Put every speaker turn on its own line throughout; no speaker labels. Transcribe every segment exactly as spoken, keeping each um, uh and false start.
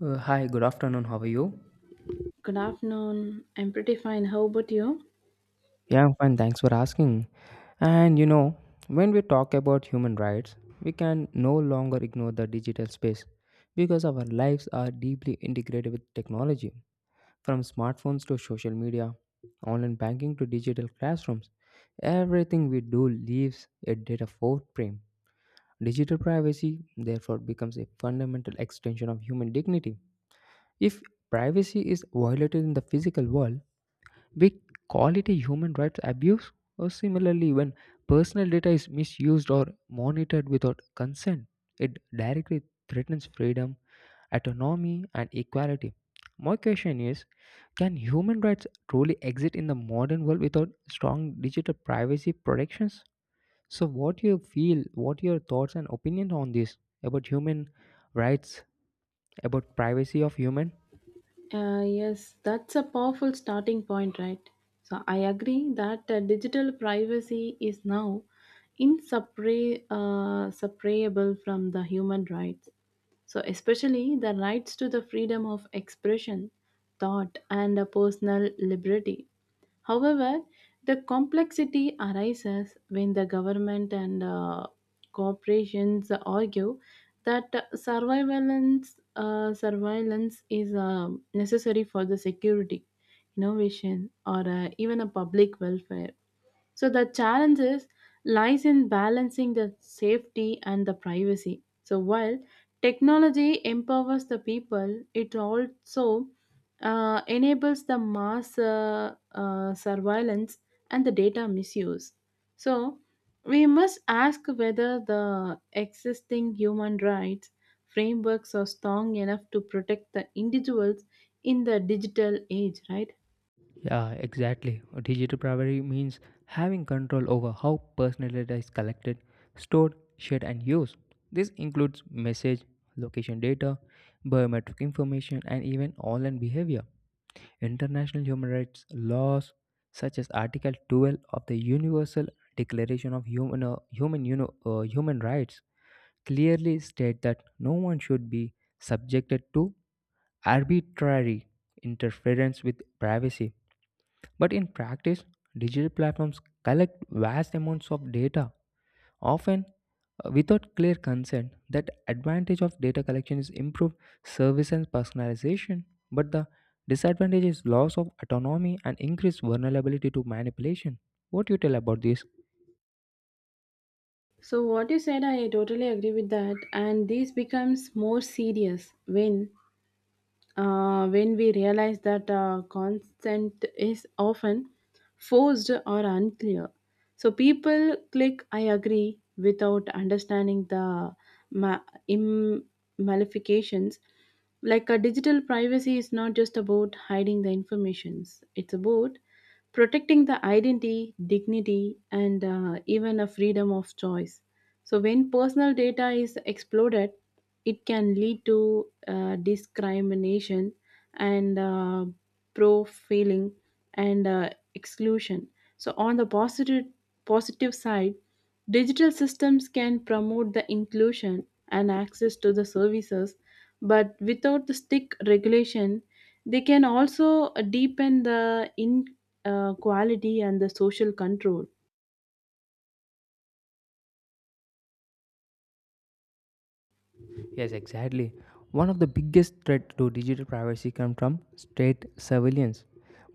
Uh, hi, good afternoon. How are you?
Good afternoon. I'm pretty fine. How about you?
Yeah, I'm fine. Thanks for asking. And you know, when we talk about human rights, we can no longer ignore the digital space because our lives are deeply integrated with technology. From smartphones to social media, online banking to digital classrooms, everything we do leaves a data footprint. Digital privacy, therefore, becomes a fundamental extension of human dignity. If privacy is violated in the physical world, we call it a human rights abuse, or similarly, when personal data is misused or monitored without consent, it directly threatens freedom, autonomy, and equality. My question is, can human rights truly exist in the modern world without strong digital privacy protections? So, what you feel, what your thoughts and opinions on this about human rights, about privacy of human?
Uh, yes, that's a powerful starting point, right? So I agree that uh, digital privacy is now inseparable uh, separable from the human rights. So especially the rights to the freedom of expression, thought, and uh, personal liberty. However, the complexity arises when the government and uh, corporations argue that surveillance uh, surveillance is um necessary for the security innovation or uh, even a public welfare. So the challenge is lies in balancing the safety and the privacy. So while technology empowers the people, it also uh, enables the mass uh, uh, surveillance and the data misuse. So we must ask whether the existing human rights frameworks are strong enough to protect the individuals in the digital age, right?
Yeah, exactly. Digital privacy means having control over how personal data is collected, stored, shared, and used. This includes message, location data, biometric information, and even online behavior. International human rights laws, such as Article twelve of the Universal Declaration of Human, uh, Human, you know, uh, Human Rights, clearly state that no one should be subjected to arbitrary interference with privacy, but in practice, digital platforms collect vast amounts of data, often uh, without clear consent. That advantage of data collection is improved service and personalization, but the disadvantage is loss of autonomy and increased vulnerability to manipulation. What you tell about this?
So what you said, I totally agree with that, and this becomes more serious when uh, when we realize that uh, consent is often forced or unclear. So people click "I agree" without understanding the ma- im- malifications. Like a digital privacy is not just about hiding the informations; it's about protecting the identity, dignity, and uh, even a freedom of choice. So, when personal data is exploded, it can lead to uh, discrimination and uh, profiling and uh, exclusion. So, on the positive positive side, digital systems can promote the inclusion and access to the services, but without the strict regulation, they can also uh, deepen the inequality and the social control.
Yes, exactly. One of the biggest threat to digital privacy comes from state surveillance.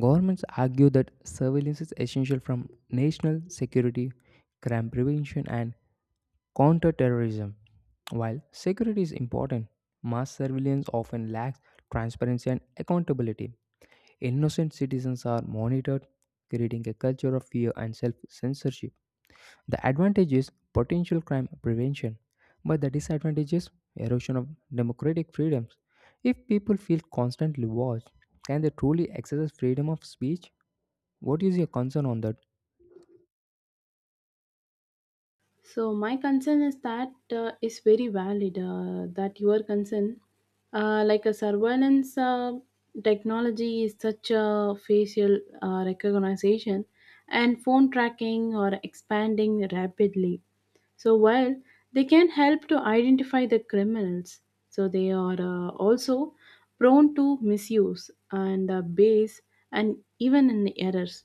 Governments argue that surveillance is essential from national security, crime prevention, and counterterrorism. While security is important, mass surveillance often lacks transparency and accountability. Innocent citizens are monitored, creating a culture of fear and self censorship. The advantage is potential crime prevention, but the disadvantage is erosion of democratic freedoms. If people feel constantly watched, can they truly exercise freedom of speech? What is your concern on that?
So my concern is that uh, is very valid uh, that your concern, uh, like a surveillance uh, technology, is such a facial uh, recognition and phone tracking are expanding rapidly. So while they can help to identify the criminals, so they are uh, also prone to misuse and uh, base and even in errors.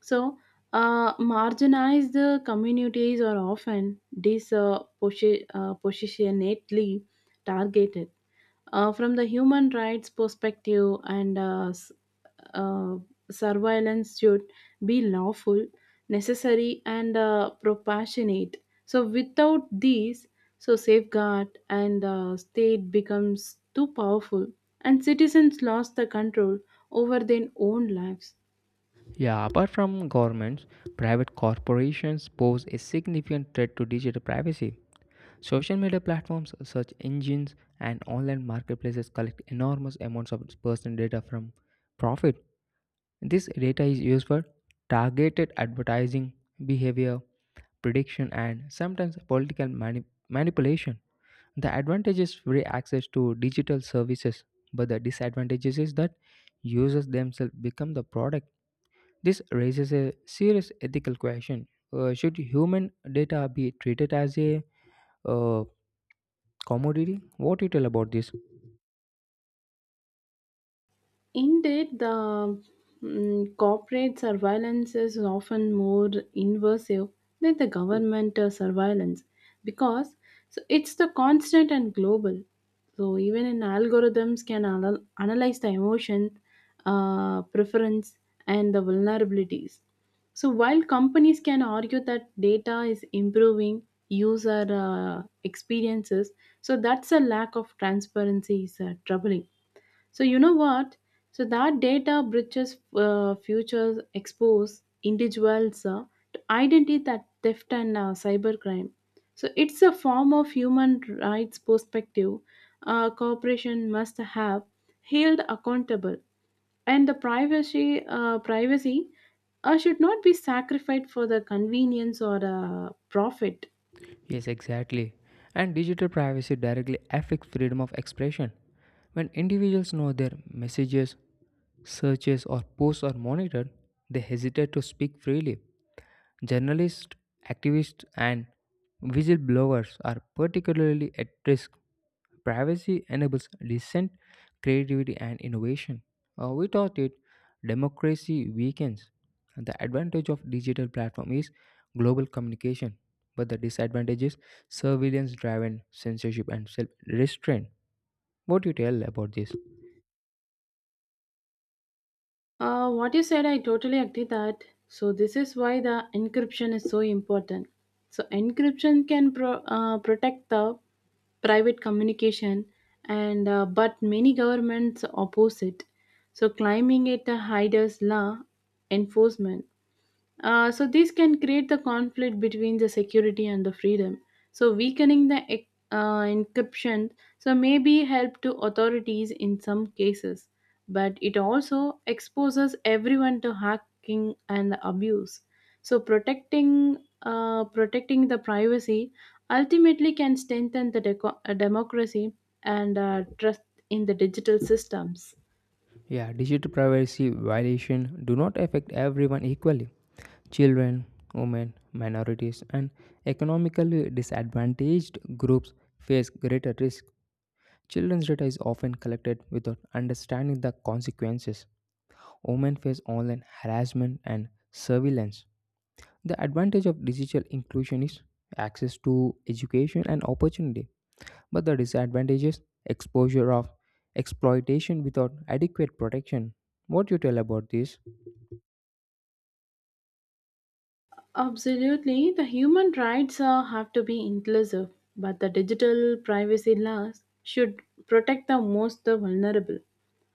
So, uh, marginalized uh, communities are often disproportionately uh, positionately targeted. Uh, from the human rights perspective, and uh, s- uh, surveillance should be lawful, necessary, and uh, proportionate. So, without these, so safeguard and uh, state becomes too powerful, and citizens lost the control over their own lives.
Yeah, apart from governments, private corporations pose a significant threat to digital privacy. Social media platforms, search engines, and online marketplaces collect enormous amounts of personal data from profit. This data is used for targeted advertising, behavior prediction, and sometimes political mani- manipulation. The advantage is free access to digital services, but the disadvantage is that users themselves become the product. This raises a serious ethical question. Uh, should human data be treated as a uh, commodity? What do you tell about this?
Indeed, the mm, corporate surveillance is often more invasive than the government uh, surveillance because so it's the constant and global. So even in algorithms can anal- analyze the emotion, uh, preference, and the vulnerabilities. So while companies can argue that data is improving user uh, experiences, so that's a lack of transparency is uh, troubling. So you know what? So that data breaches uh, futures expose individuals uh, to identity that theft and uh, cybercrime. So it's a form of human rights perspective. Uh, corporation must have held accountable, and the privacy uh, privacy uh, should not be sacrificed for the convenience or uh, profit.
Yes, exactly. And digital privacy directly affects freedom of expression. When individuals know their messages, searches, or posts are monitored, they hesitate to speak freely. Journalists, activists, and whistleblowers are particularly at risk. Privacy enables dissent, creativity, and innovation. Uh, without it, democracy weakens. The advantage of digital platform is global communication, but the disadvantage is surveillance-driven censorship and self-restraint. What do you tell about this?
Uh, what you said, I totally agree that. So this is why the encryption is so important. So encryption can pro- uh, protect the private communication, and uh, but many governments oppose it. So climbing it a hider's law enforcement. Uh, so this can create the conflict between the security and the freedom. So weakening the ec- uh, encryption so may be help to authorities in some cases, but it also exposes everyone to hacking and abuse. So protecting uh, protecting the privacy ultimately can strengthen the deco- uh, democracy and uh, trust in the digital systems.
Yeah, digital privacy violation do not affect everyone equally. Children, women, minorities, and economically disadvantaged groups face greater risk. Children's data is often collected without understanding the consequences. Women face online harassment and surveillance. The advantage of digital inclusion is access to education and opportunity. But the disadvantages exposure of exploitation without adequate protection. What you tell about this?
Absolutely, the human rights uh, have to be inclusive, but the digital privacy laws should protect the most the vulnerable.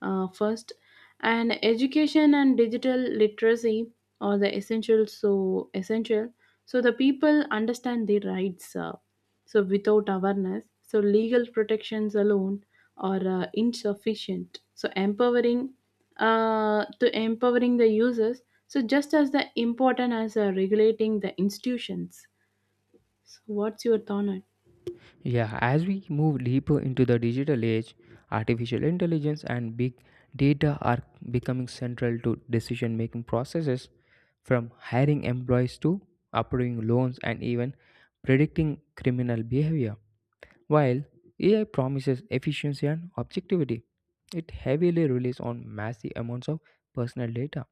Uh, first, and education and digital literacy are the essential. So essential, so the people understand their rights. Uh, so without awareness, so legal protections alone are uh, insufficient. So empowering uh, to empowering the users. So just as the important as uh, regulating the institutions. So what's your thought on it?
Yeah, as we move deeper into the digital age, artificial intelligence and big data are becoming central to decision making processes from hiring employees to approving loans and even predicting criminal behavior. While A I promises efficiency and objectivity, it heavily relies on massive amounts of personal data.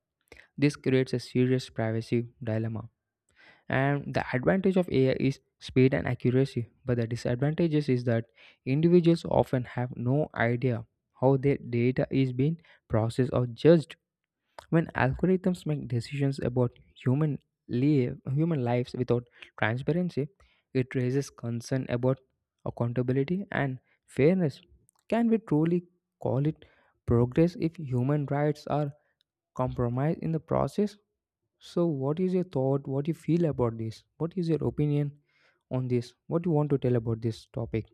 This creates a serious privacy dilemma, and the advantage of A I is speed and accuracy, but the disadvantages is that individuals often have no idea how their data is being processed or judged. When algorithms make decisions about human live, human lives without transparency, it raises concern about accountability and fairness. Can we truly call it progress if human rights are compromised in the process? So, what is your thought? What you feel about this? What is your opinion on this? What you want to tell about this topic?